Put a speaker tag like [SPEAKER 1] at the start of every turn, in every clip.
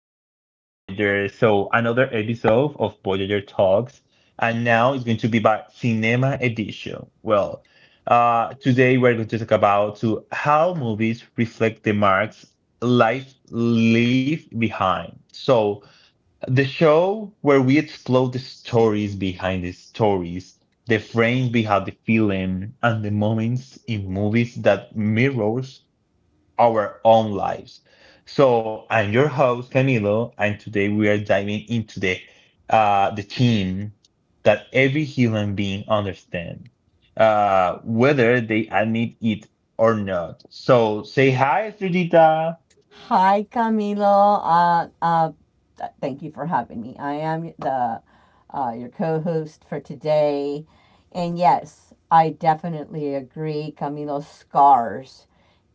[SPEAKER 1] welcome back, Voyager. So another episode of Voyager Talks, and now it's going to be by Cinema Edition. Well, today we're going to talk about to how movies reflect the marks life leave behind. So the show where we explore the stories behind the stories, the frames behind the film, and the moments in movies that mirrors our own lives. So I'm your host Camilo, and today we are diving into the theme that every human being understands, whether they admit it or not. So say hi, Sridita.
[SPEAKER 2] Hi, Camilo. Thank you for having me. I am the your co-host for today, and yes, I definitely agree. Camilo, scars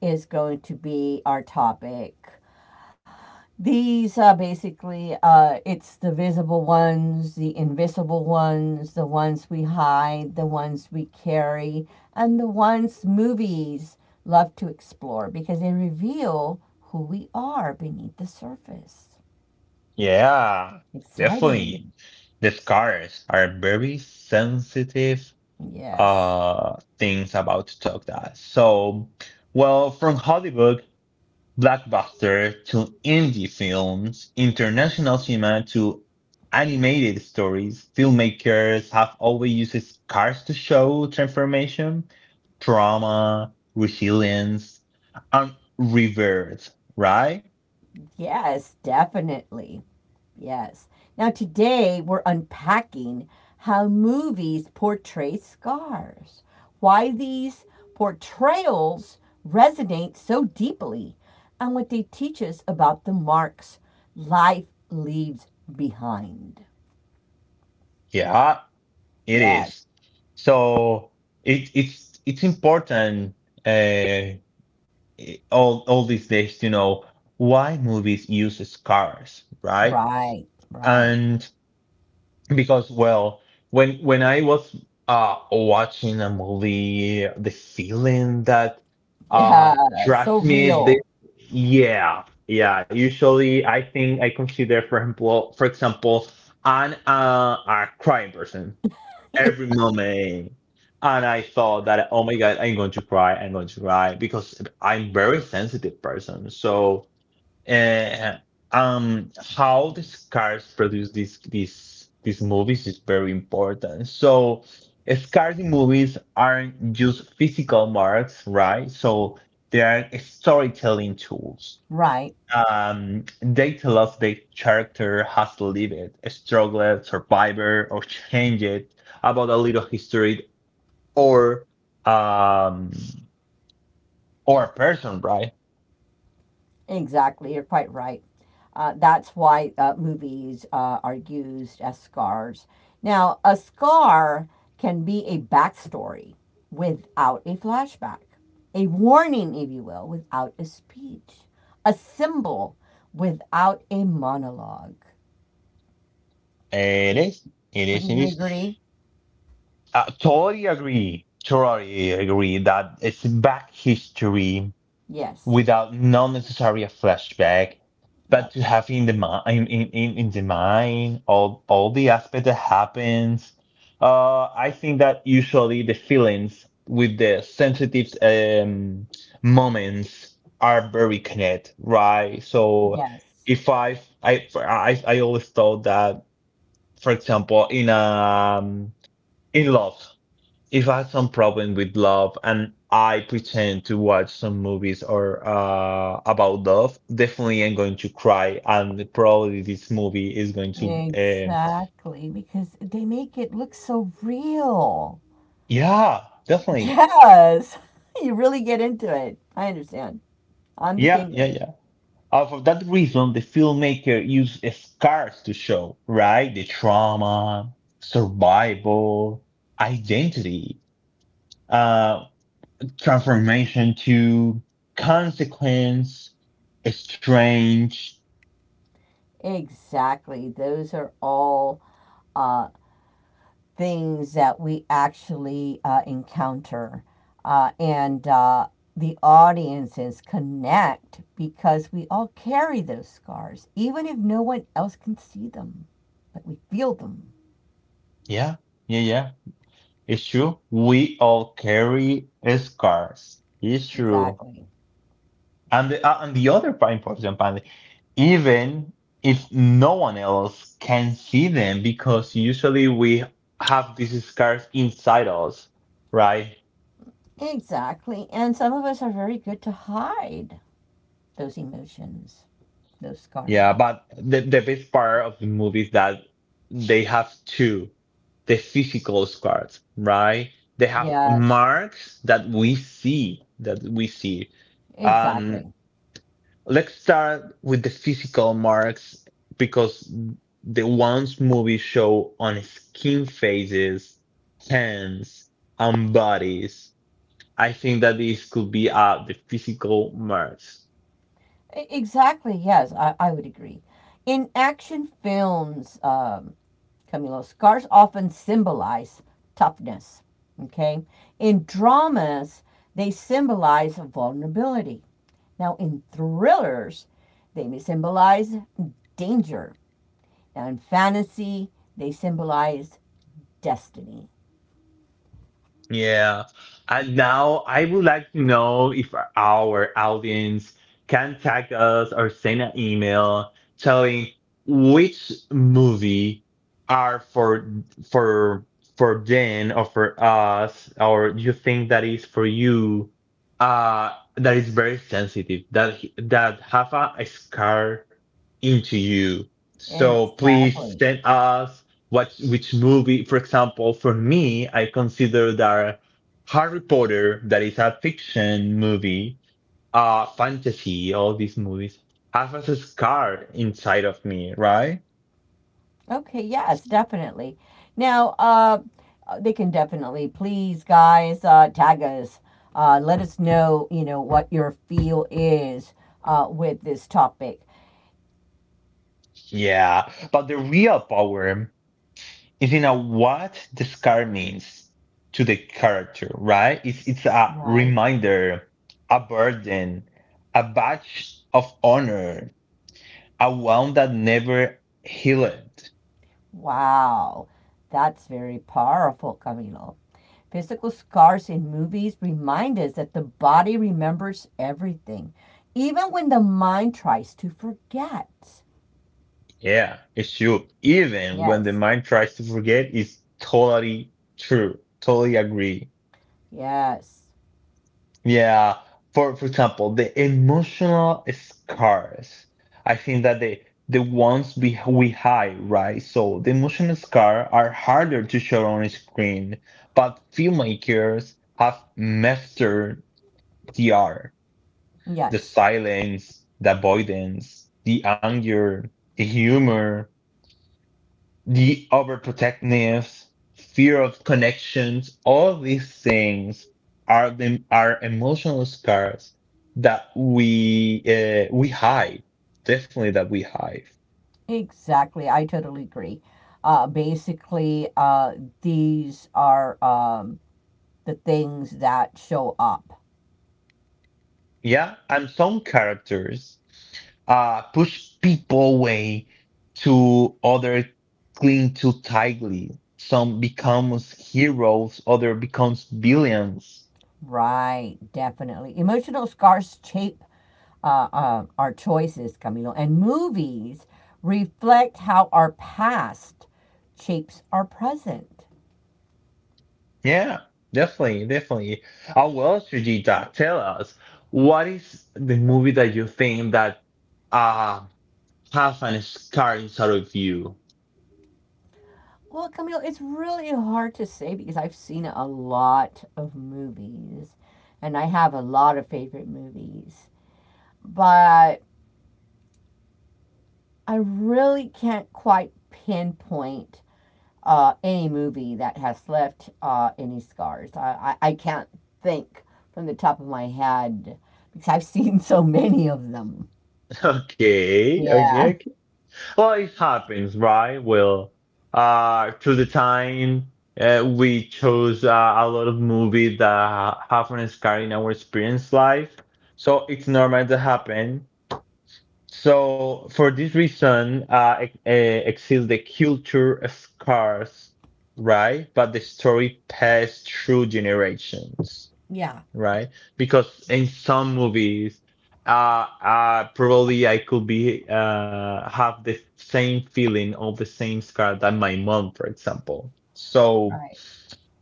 [SPEAKER 2] is going to be our topic. These are basically it's the visible ones, the invisible ones, the ones we hide, the ones we carry, and the ones movies love to explore because they reveal who we are beneath the surface.
[SPEAKER 1] Yeah, definitely.
[SPEAKER 2] Exciting.
[SPEAKER 1] The scars are very sensitive
[SPEAKER 2] Yes.
[SPEAKER 1] things about to talk that. So, well, from Hollywood blockbuster to indie films, international cinema to animated stories, filmmakers have always used scars to show transformation, trauma, resilience, and reverse, right?
[SPEAKER 2] Yes, definitely. Yes. Now, today we're unpacking how movies portray scars, why these portrayals resonate so deeply, and what they teach us about the marks life leaves behind.
[SPEAKER 1] Yeah, it
[SPEAKER 2] Yes,
[SPEAKER 1] is. So it's important, uh, all these days to know why movies use cars, right?
[SPEAKER 2] right, right.
[SPEAKER 1] And because, well, when I was watching a movie, the feeling that
[SPEAKER 2] Yeah, so
[SPEAKER 1] transmit this,
[SPEAKER 2] real.
[SPEAKER 1] yeah, yeah, usually I think I consider for example an a crime person every moment. And I thought that, oh my God, I'm going to cry. I'm going to cry because I'm very sensitive person. So, uh, how the scars produce these movies is very important. So, scars in movies aren't just physical marks, right? So they are storytelling tools.
[SPEAKER 2] Right.
[SPEAKER 1] They tell us the character has lived, struggled, survived, or changed about a little history or um or a person, right?
[SPEAKER 2] Exactly, you're quite right. That's why movies are used as scars. Now, a scar can be a backstory without a flashback, a warning, if you will, without a speech, a symbol without a monologue.
[SPEAKER 1] It is, it is,
[SPEAKER 2] Wouldn't
[SPEAKER 1] it
[SPEAKER 2] you
[SPEAKER 1] is.
[SPEAKER 2] agree?
[SPEAKER 1] Totally agree. Totally agree that it's back history
[SPEAKER 2] Yes.
[SPEAKER 1] without not necessarily a flashback, but
[SPEAKER 2] Yep.
[SPEAKER 1] to have in the mind in the mind all the aspect that happens. I think that usually the feelings with the sensitive moments are very connected, right? So
[SPEAKER 2] Yes.
[SPEAKER 1] if I always thought that, for example, in love, if I have some problem with love and I pretend to watch some movies or, about love, definitely I'm going to cry, and probably this movie is going to,
[SPEAKER 2] Exactly, because they make it look so real.
[SPEAKER 1] yeah, definitely,
[SPEAKER 2] Yes. You really get into it. I understand. I'm the
[SPEAKER 1] yeah,
[SPEAKER 2] same
[SPEAKER 1] yeah,
[SPEAKER 2] way.
[SPEAKER 1] yeah. For that reason, the filmmaker used scars to show, right? The trauma, survival, identity, uh, transformation to consequence, strange,
[SPEAKER 2] Exactly. Those are all uh, things that we actually encounter. And the audiences connect because we all carry those scars, even if no one else can see them, but we feel them.
[SPEAKER 1] yeah. Yeah, yeah. It's true. We all carry scars. It's true.
[SPEAKER 2] Exactly.
[SPEAKER 1] And the other part, important part, even if no one else can see them, because usually we have these scars inside us, right?
[SPEAKER 2] Exactly. And some of us are very good to hide those emotions, those scars.
[SPEAKER 1] Yeah, but the best part of the movie is that they have two, the physical scars, right? They have
[SPEAKER 2] Yes.
[SPEAKER 1] marks that we see, that we see. Um,
[SPEAKER 2] Exactly.
[SPEAKER 1] Let's start with the physical marks because the ones movies show on skin faces, hands, and bodies. I think that these could be the physical marks.
[SPEAKER 2] Exactly. Yes, I would agree. In action films, Camilo, scars often symbolize toughness. Okay. In dramas, they symbolize vulnerability. Now, in thrillers, they may symbolize danger. Now, in fantasy, they symbolize destiny.
[SPEAKER 1] Yeah. And now I would like to know if our audience can tag us or send an email telling which movie are for for for Jen or for us or you think that is for you, that is very sensitive, that that have a scar into you. So please
[SPEAKER 2] Exactly.
[SPEAKER 1] send us what which movie. For example, for me, I consider that Harry Potter, that is a fiction movie, uh, fantasy, all these movies have a scar inside of me, right?
[SPEAKER 2] Okay, yes, definitely. Now, they can definitely, please, guys, tag us. Let us know, you know, what your feel is with this topic.
[SPEAKER 1] Yeah, but the real power is in a what the scar means to the character, right? It's a
[SPEAKER 2] Right?
[SPEAKER 1] reminder, a burden, a badge of honor, a wound that never healed.
[SPEAKER 2] Wow. That's very powerful, Camilo. Physical scars in movies remind us that the body remembers everything, even when the mind tries to forget.
[SPEAKER 1] Yeah, it should. Even when the
[SPEAKER 2] Yes,
[SPEAKER 1] mind tries to forget, it's totally true. Totally agree.
[SPEAKER 2] yes,
[SPEAKER 1] Yeah. For example, the emotional scars. I think that the ones we hide, right? So the emotional scar are harder to show on screen, but filmmakers have mastered the art, the
[SPEAKER 2] yes.
[SPEAKER 1] silence, the avoidance, the anger, the humor, the overprotectiveness, fear of connections, all these things are the are emotional scars that we, we hide. Definitely that we hide.
[SPEAKER 2] Exactly. I totally agree. Basically, these are the things that show up.
[SPEAKER 1] Yeah, and some characters push people away to other cling too tightly. Some becomes heroes, other becomes villains.
[SPEAKER 2] Right. Definitely. Emotional scars shape our choices, Camilo, and movies reflect how our past shapes our present.
[SPEAKER 1] Yeah, definitely. I will, Sujita, tell us what is the movie that you think that uh has an scar inside of you?
[SPEAKER 2] Well, Camilo, it's really hard to say because I've seen a lot of movies and I have a lot of favorite movies. But I really can't quite pinpoint any movie that has left any scars. I can't think from the top of my head because I've seen so many of them.
[SPEAKER 1] Okay, okay,
[SPEAKER 2] Yeah.
[SPEAKER 1] okay. Well, it happens, right? Well, through the time, we chose a lot of movies that ha- have an scar in our experience life, so it's normal to happen. So for this reason, exists the culture scars, right? But the story passed through generations,
[SPEAKER 2] Yeah.
[SPEAKER 1] right? Because in some movies, probably I could be have the same feeling of the same scar that my mom, for example. So.
[SPEAKER 2] Right,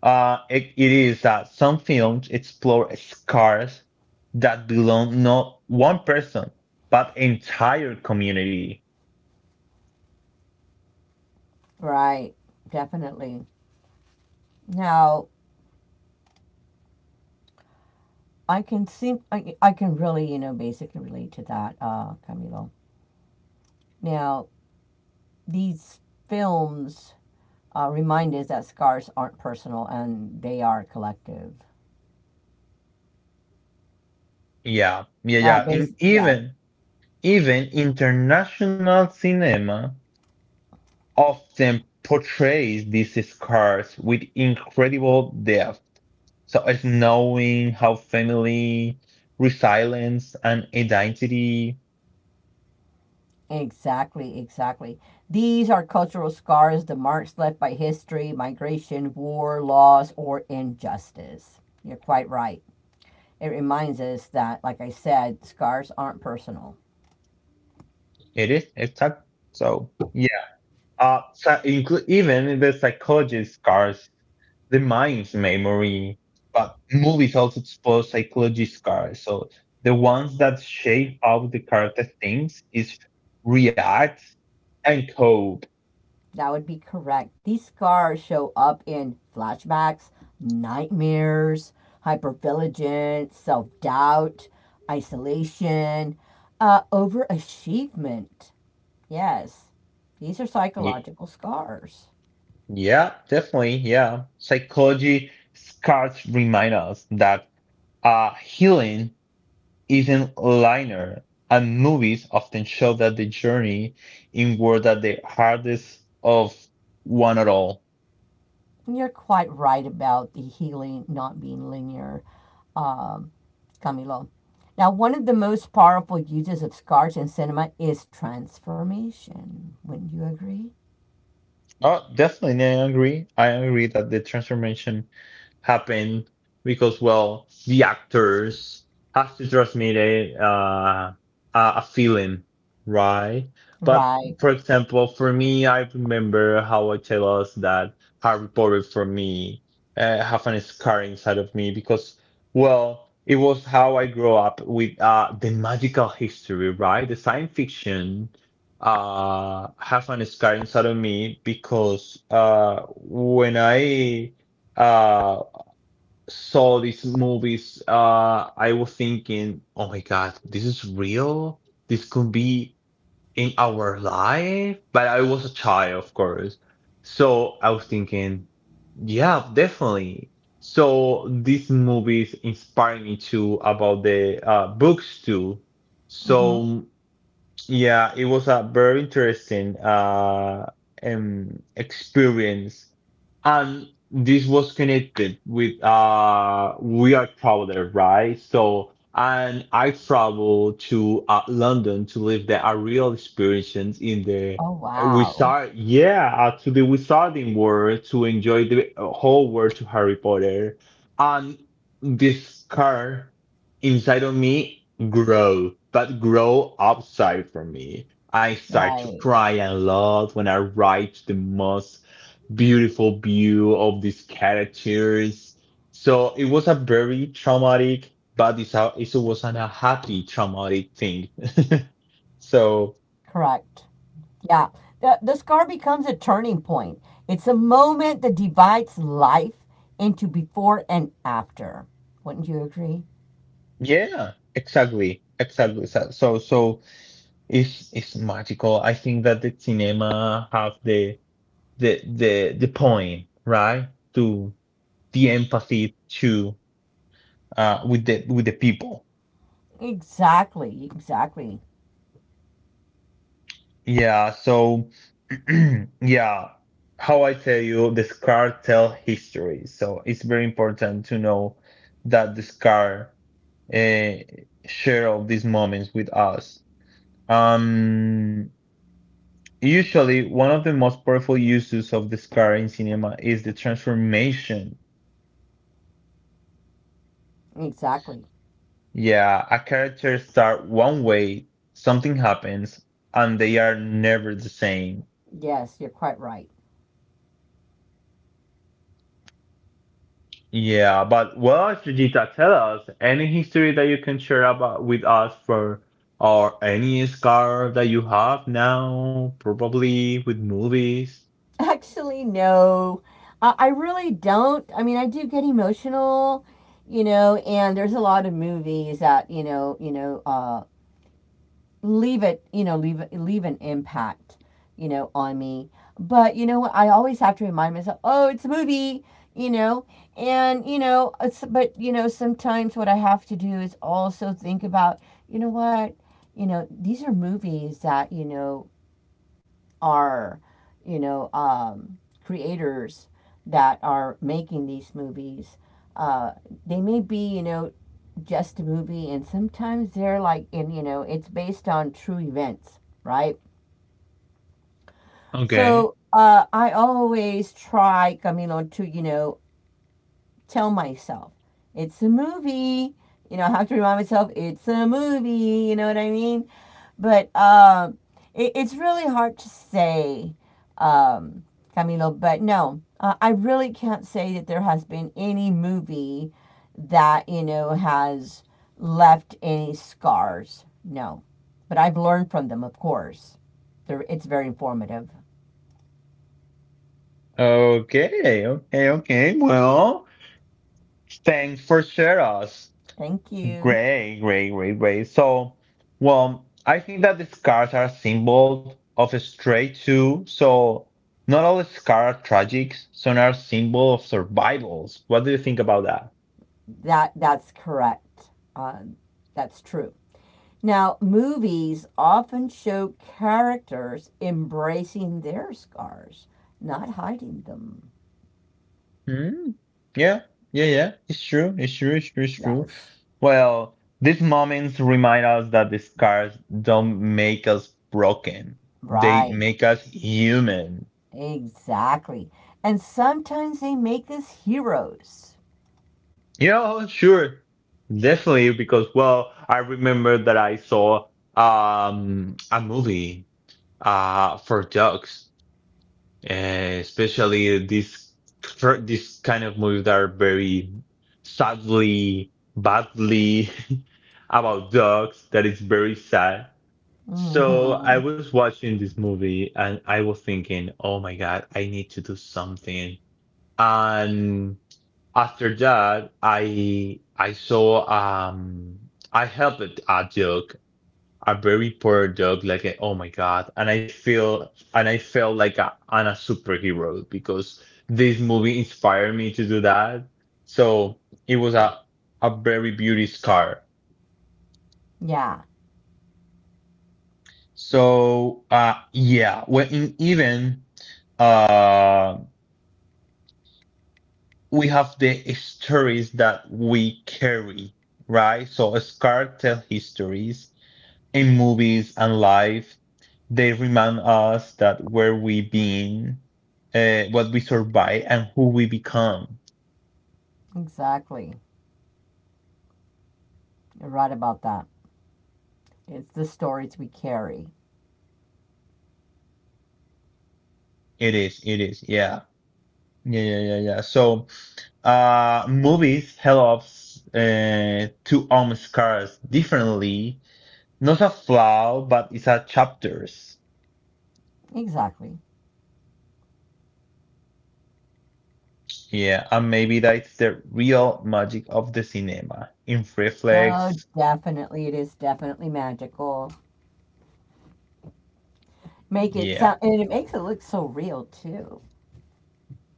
[SPEAKER 1] It is that some films explore scars that belong not one person, but entire community.
[SPEAKER 2] right, definitely. Now I can seem I can really, you know, basically relate to that, Camilo. Now these films remind us that scars aren't personal and they are collective.
[SPEAKER 1] Yeah, yeah,
[SPEAKER 2] Uh,
[SPEAKER 1] yeah.
[SPEAKER 2] bas-
[SPEAKER 1] In,
[SPEAKER 2] yeah,
[SPEAKER 1] even even international cinema often portrays these scars with incredible depth. So it's knowing how family, resilience, and identity
[SPEAKER 2] Exactly, exactly. These are cultural scars, the marks left by history, migration, war, loss, or injustice. You're quite right. It reminds us that, like I said, scars aren't personal.
[SPEAKER 1] it is. It's that, so yeah. Even the psychologist scars, the mind's memory, but movies also explore psychology scars. So the ones that shape how the character thinks is react and cope.
[SPEAKER 2] That would be correct. These scars show up in flashbacks, nightmares, hypervigilance, self doubt, isolation, overachievement. Yes, these are psychological scars.
[SPEAKER 1] Yeah, definitely. Yeah. Psychology scars remind us that healing isn't linear, and movies often show that the journey inward that the hardest of one at all.
[SPEAKER 2] You're quite right about the healing not being linear, um, Camilo. Now, one of the most powerful uses of scars in cinema is transformation. Wouldn't you agree?
[SPEAKER 1] Oh, definitely. I agree. I agree that the transformation happen because well the actors have to transmit a, a feeling, right? But
[SPEAKER 2] Right.
[SPEAKER 1] for example, for me, I remember how I tell us that Harry Potter for me, have a scar inside of me because well it was how I grew up with, the magical history, right? The science fiction have an scar inside of me because when I uh saw these movies, I was thinking, oh my God, this is real. This could be in our life. But I was a child, of course. So I was thinking, yeah, definitely. So these movies inspired me to about the, books too.
[SPEAKER 2] Hmm.
[SPEAKER 1] So yeah, it was a very interesting experience. And this was connected with we are traveler, right? So and I traveled to, London to live the a real experience in the
[SPEAKER 2] Oh, wow.
[SPEAKER 1] wizard, yeah, to the wizarding world to enjoy the whole world to Harry Potter. And this car inside of me grow, but grow upside from me. I start to
[SPEAKER 2] Right.
[SPEAKER 1] cry a lot when I write the most beautiful view of these characters. So it was a very traumatic, but it's a, it was an, a happy traumatic thing. So
[SPEAKER 2] Correct. Yeah. The scar becomes a turning point. It's a moment that divides life into before and after. Wouldn't you agree?
[SPEAKER 1] yeah, exactly, exactly. So it's magical. I think that the cinema have the the point, right? To the empathy to, with the people.
[SPEAKER 2] Exactly. Exactly.
[SPEAKER 1] Yeah. So yeah, how I tell you, the scar tell history. So it's very important to know that the scar, uh, share of these moments with us. Um, usually, one of the most powerful uses of the scar in cinema is the transformation.
[SPEAKER 2] Exactly.
[SPEAKER 1] Yeah, a character start one way, something happens, and they are never the same.
[SPEAKER 2] Yes, you're quite right.
[SPEAKER 1] Yeah, but what should Jita tell us? Any history that you can share about with us for or any scar that you have now, probably with movies.
[SPEAKER 2] Actually, no. I really don't. I mean, I do get emotional, you know, and there's a lot of movies that, leave it, you know, leave an impact, you know, on me. But you know what? I always have to remind myself, oh, it's a movie, you know, and you know, it's, but you know, sometimes what I have to do is also think about, you know what, you know, these are movies that you know are, you know, um, creators that are making these movies. Uh, they may be, you know, just a movie, and sometimes they're like, and you know, it's based on true events, right?
[SPEAKER 1] Okay.
[SPEAKER 2] So I always try, Camilo, to, you know, tell myself it's a movie. You know, I have to remind myself it's a movie. You know what I mean? But it's really hard to say, um, Camilo. But no, I really can't say that there has been any movie that you know has left any scars. No, but I've learned from them, of course. It's very informative.
[SPEAKER 1] Okay, okay, okay. Well, thanks for sharing us.
[SPEAKER 2] Thank you.
[SPEAKER 1] Great, great, great, great. So, well, I think that the scars are symbols of a straight too. So not all scars are tragic. Some are symbol of survivals. What do you think about that?
[SPEAKER 2] That's correct. That's true. Now, movies often show characters embracing their scars, not hiding them.
[SPEAKER 1] Mm, yeah, yeah. It's true. It's true. It's true. It's true.
[SPEAKER 2] Yes,
[SPEAKER 1] Well, these moments remind us that the scars don't make us broken. They
[SPEAKER 2] right,
[SPEAKER 1] make us human.
[SPEAKER 2] exactly. And sometimes they make us heroes.
[SPEAKER 1] You know, sure. Definitely, because, well, I remember that I saw a movie, for dogs. Especially these fir- these kind of movies that are very sadly, badly about dogs. That is very sad. So I
[SPEAKER 2] Hmm.
[SPEAKER 1] was watching this movie and I was thinking, oh my God, I need to do something. And after that, I saw I helped a dog, a very poor dog, like a, oh my God. And I feel and I felt like a, I'm a superhero because this movie inspired me to do that. So it was a very beauty scar.
[SPEAKER 2] Yeah,
[SPEAKER 1] So yeah, when in, even uh we have the stories that we carry, right? So a scar tell histories in movies and life, they remind us that where we been, what we survive, and who we become.
[SPEAKER 2] exactly. You're right about that. It's the stories we carry.
[SPEAKER 1] It is, yeah. Yeah. So, movies help us, to arm scars differently. Not a flaw, but it's a chapters.
[SPEAKER 2] Exactly.
[SPEAKER 1] Yeah, and maybe that's the real magic of the cinema. In
[SPEAKER 2] Yeah, oh,
[SPEAKER 1] reflex,
[SPEAKER 2] definitely. It is definitely magical. Make it
[SPEAKER 1] yeah,
[SPEAKER 2] sound, and it makes it look so real too.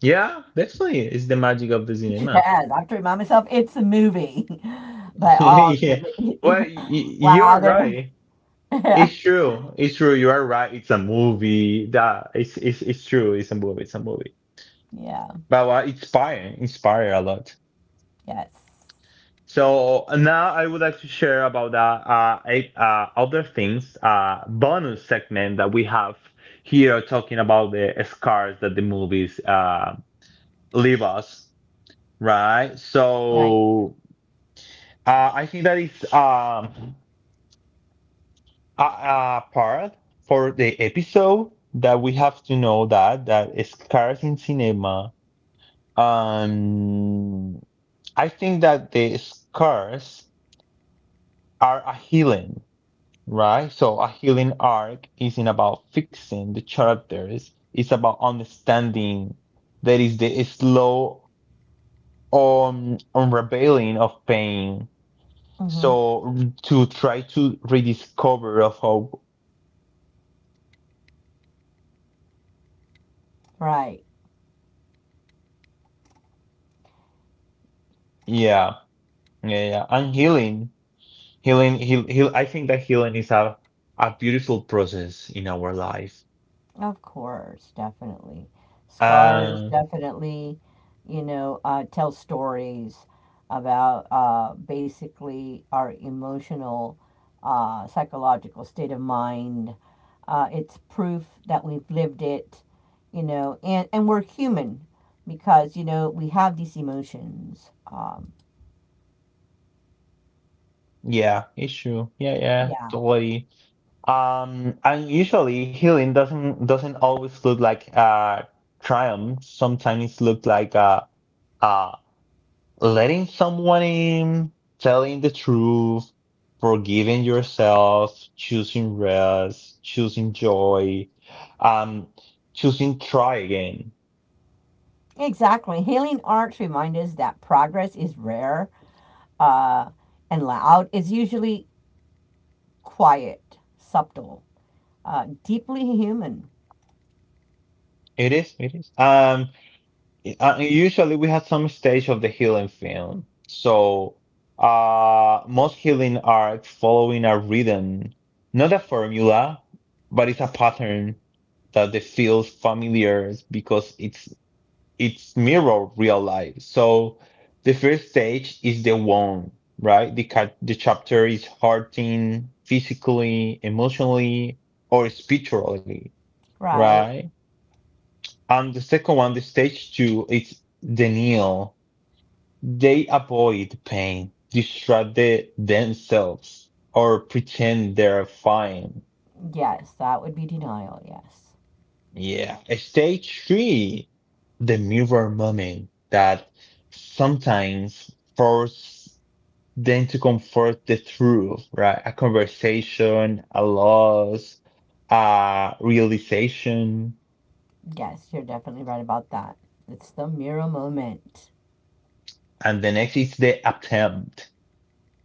[SPEAKER 1] yeah, definitely, it's the magic of the
[SPEAKER 2] It
[SPEAKER 1] cinema.
[SPEAKER 2] has. I've to remind myself it's a movie. But
[SPEAKER 1] Yeah. Well,
[SPEAKER 2] oh, wow,
[SPEAKER 1] you're
[SPEAKER 2] there.
[SPEAKER 1] right.
[SPEAKER 2] Yeah.
[SPEAKER 1] It's true. It's true. You are right. It's a movie. That it's true. It's a movie. It's a movie.
[SPEAKER 2] Yeah.
[SPEAKER 1] But inspire a lot.
[SPEAKER 2] Yes.
[SPEAKER 1] So now I would like to share about that eight, other things bonus segment that we have here talking about the scars that the movies leave us, right?
[SPEAKER 2] Right.
[SPEAKER 1] So I think that is a part for the episode that we have to know that scars in cinema. Um, I think that the scars are a healing, right? So a healing arc isn't about fixing the characters. It's about understanding that is the slow unraveling of pain.
[SPEAKER 2] Hmm.
[SPEAKER 1] So to try to rediscover of hope.
[SPEAKER 2] Right.
[SPEAKER 1] Yeah, yeah, yeah. And healing healing, heal, heal. I think that healing is a beautiful process in our life.
[SPEAKER 2] Of course, definitely. Scars
[SPEAKER 1] Um,
[SPEAKER 2] definitely, you know, tell stories about basically our emotional, psychological state of mind. It's proof that we've lived it, you know, and we're human because, you know, we have these emotions.
[SPEAKER 1] yeah, it's true. Yeah, yeah,
[SPEAKER 2] Yeah,
[SPEAKER 1] totally. And usually healing doesn't always look like triumph. Sometimes it looks like uh letting someone in, telling the truth, forgiving yourself, choosing rest, choosing joy, um, choosing try again.
[SPEAKER 2] exactly. Healing arts remind us that progress is rare. Uh, and loud, it's usually quiet, subtle, deeply human,
[SPEAKER 1] It is, it is. Usually we have some stage of the healing film. So most healing are following a rhythm, not a formula, but it's a pattern that they feels familiar because it's mirror real life. So the first stage is the one, right? The chapter is hurting physically, emotionally, or spiritually,
[SPEAKER 2] right?
[SPEAKER 1] right? And the second one, the stage two, it's denial. They avoid pain, distract themselves, or pretend they're fine.
[SPEAKER 2] Yes, that would be denial. Yes.
[SPEAKER 1] Yeah. Stage three, the mirror moment that sometimes force then to comfort the truth, right? A conversation, a loss, a realization.
[SPEAKER 2] Yes, you're definitely right about that. It's the mirror moment.
[SPEAKER 1] And the next is the attempt.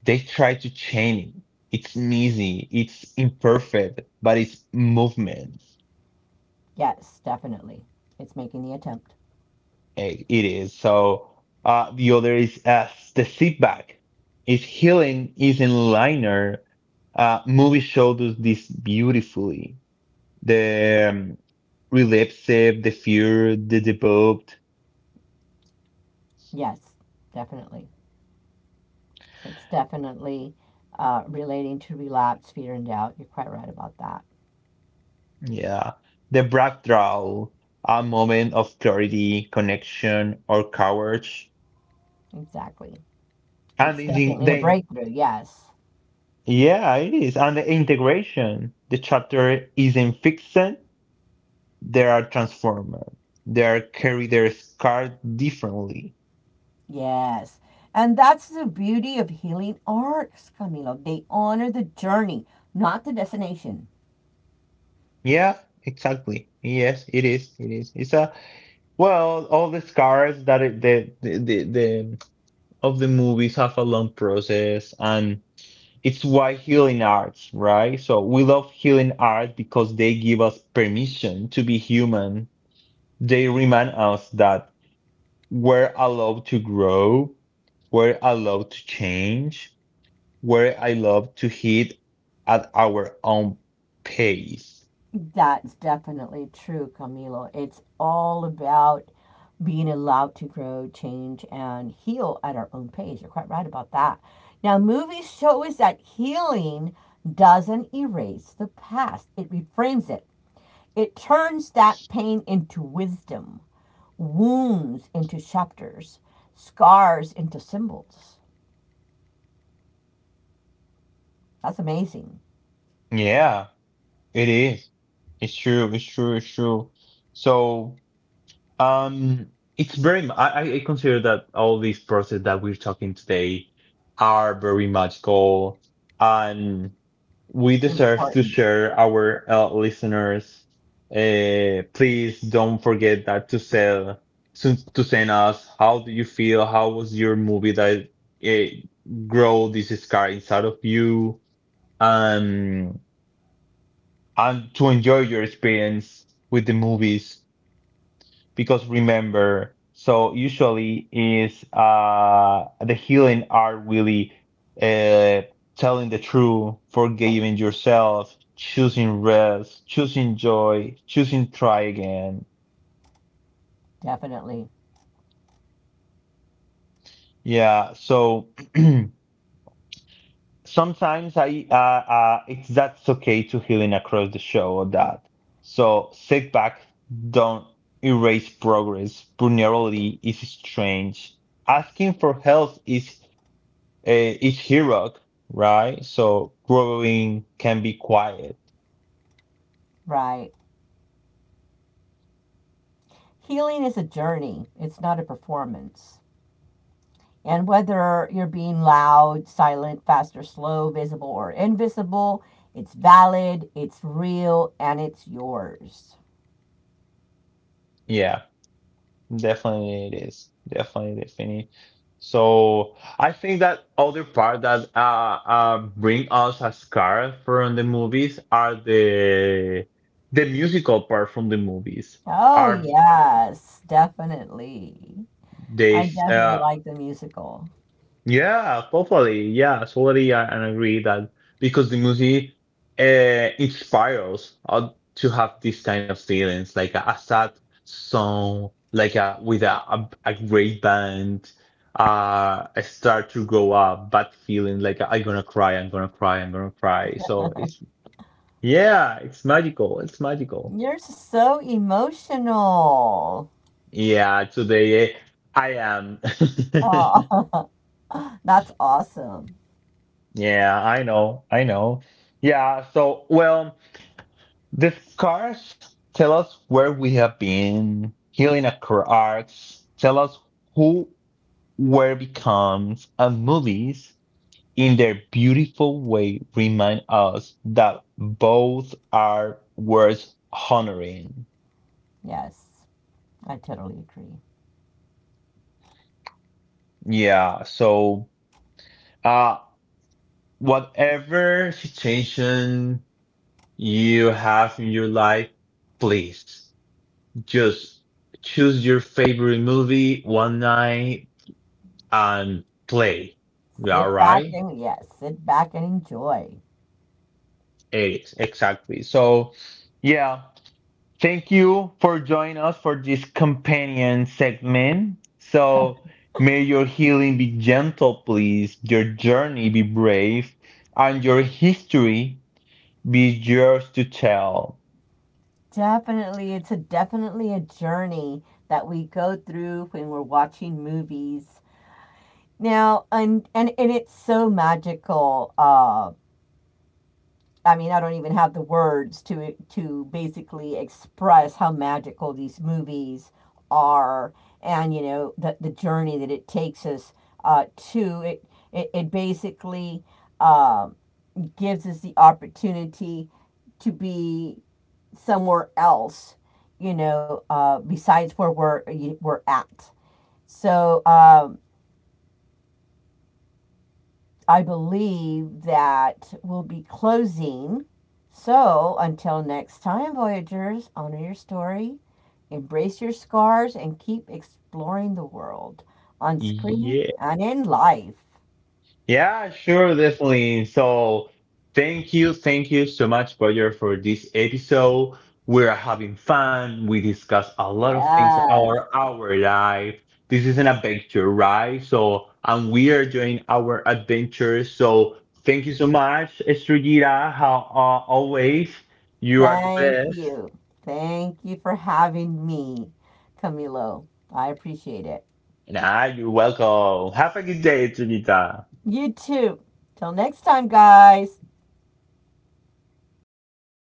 [SPEAKER 1] They try to change it. It's messy, it's imperfect, but it's movement.
[SPEAKER 2] Yes, definitely. It's making the attempt.
[SPEAKER 1] It is. So the other is the setback. Its healing isn't linear. Movie showed us this beautifully. The Relapsive, the Fear, the Debugged,
[SPEAKER 2] Yes, definitely. It's definitely relating to relapse, fear, and doubt. You're quite right about that.
[SPEAKER 1] yeah, the Backdraw, a moment of clarity, connection, or courage,
[SPEAKER 2] Exactly.
[SPEAKER 1] and
[SPEAKER 2] It's
[SPEAKER 1] the,
[SPEAKER 2] definitely a
[SPEAKER 1] the
[SPEAKER 2] breakthrough. Yes.
[SPEAKER 1] yeah, it is, and the integration. The chapter isn't fixed; they are transformed. They are carry their scar differently.
[SPEAKER 2] Yes. And that's the beauty of healing arts, Camilo. They honor the journey, not the destination.
[SPEAKER 1] Yeah, exactly. Yes, it is. It is. It's a well, all the scars that it, the of the movies have a long process and it's why healing arts, right? So we love healing art because they give us permission to be human. They remind us that we're allowed to grow, we're allowed to change, we're allowed to hit at our own pace.
[SPEAKER 2] That's definitely true, Camilo. It's all about being allowed to grow, change, and heal at our own pace. You're quite right about that. Now, movies show us that healing doesn't erase the past, it reframes it. It turns that pain into wisdom, wounds into chapters, scars into symbols. That's amazing.
[SPEAKER 1] Yeah, it is. It's true. It's true. It's true. So it's very. I consider that all these process that we're talking today are very magical, and we deserve to
[SPEAKER 2] Important.
[SPEAKER 1] share our listeners. Please don't forget that to sell to send us. How do you feel? How was your movie that uh, grow this scar inside of you? Um, and to enjoy your experience with the movies because remember, so usually is the healing are really uh telling the truth, forgiving yourself, choosing rest, choosing joy, choosing try again.
[SPEAKER 2] Definitely.
[SPEAKER 1] Yeah, so sometimes I it's that's okay to healing across the show or that. So sit back, don't erase progress. Vulnerability is strange. Asking for help is it's Hirok, right? So growing can be quiet.
[SPEAKER 2] Right. Healing is a journey, it's not a performance. And whether you're being loud, silent, fast or slow, visible or invisible, it's valid, it's real, and it's yours.
[SPEAKER 1] Yeah, definitely it is. Definitely, definitely. So I think that other part that bring us a scar from the movies are the musical part from the movies.
[SPEAKER 2] Oh,
[SPEAKER 1] Are
[SPEAKER 2] yes, definitely. I
[SPEAKER 1] they
[SPEAKER 2] definitely like the musical.
[SPEAKER 1] yeah, totally. Yeah, totally. I agree that because the movie inspires us to have this kind of feelings, like a sad song, like a with a great band. I start to grow up, bad feeling, like I'm gonna cry, I'm gonna cry, I'm gonna cry. So it's yeah, it's magical. It's magical.
[SPEAKER 2] You're so emotional.
[SPEAKER 1] Yeah, today I am.
[SPEAKER 2] Oh, that's awesome.
[SPEAKER 1] Yeah, I know, I know. Yeah, so well. The scars tell us where we have been, healing our arcs, tell us who where becomes, and movies, in their beautiful way, remind us that both are worth honoring.
[SPEAKER 2] Yes, I totally agree.
[SPEAKER 1] Yeah, so uh whatever situation you have in your life, please just choose your favorite movie one night and play. Yeah,
[SPEAKER 2] Sit back
[SPEAKER 1] right,
[SPEAKER 2] and yes, sit back and enjoy.
[SPEAKER 1] Eric. Exactly. So, yeah, thank you for joining us for this companion segment. So, may your healing be gentle, please, your journey be brave, and your history be yours to tell.
[SPEAKER 2] Definitely, it's a definitely a journey that we go through when we're watching movies. Now, and it's so magical. I mean, I don't even have the words to basically express how magical these movies are, and you know the journey that it takes us uh, to. It basically um gives us the opportunity to be somewhere else, you know, besides where we're at. So I believe that we'll be closing. So until next time, Voyagers, honor your story, embrace your scars, and keep exploring the world on screen
[SPEAKER 1] Yeah.
[SPEAKER 2] and in life.
[SPEAKER 1] Yeah, sure, definitely. So, thank you so much, Roger, for this episode. We're having fun. We discuss a lot of things
[SPEAKER 2] Yes,
[SPEAKER 1] our life. This is an adventure, right? So, and we are doing our adventure. So, thank you so much, Estrellita. How always, you are the
[SPEAKER 2] thank
[SPEAKER 1] best.
[SPEAKER 2] you. Thank you for having me, Camilo. I appreciate it.
[SPEAKER 1] Nah, you're welcome. Have a good day, Estrellita.
[SPEAKER 2] You too. Till next time, guys.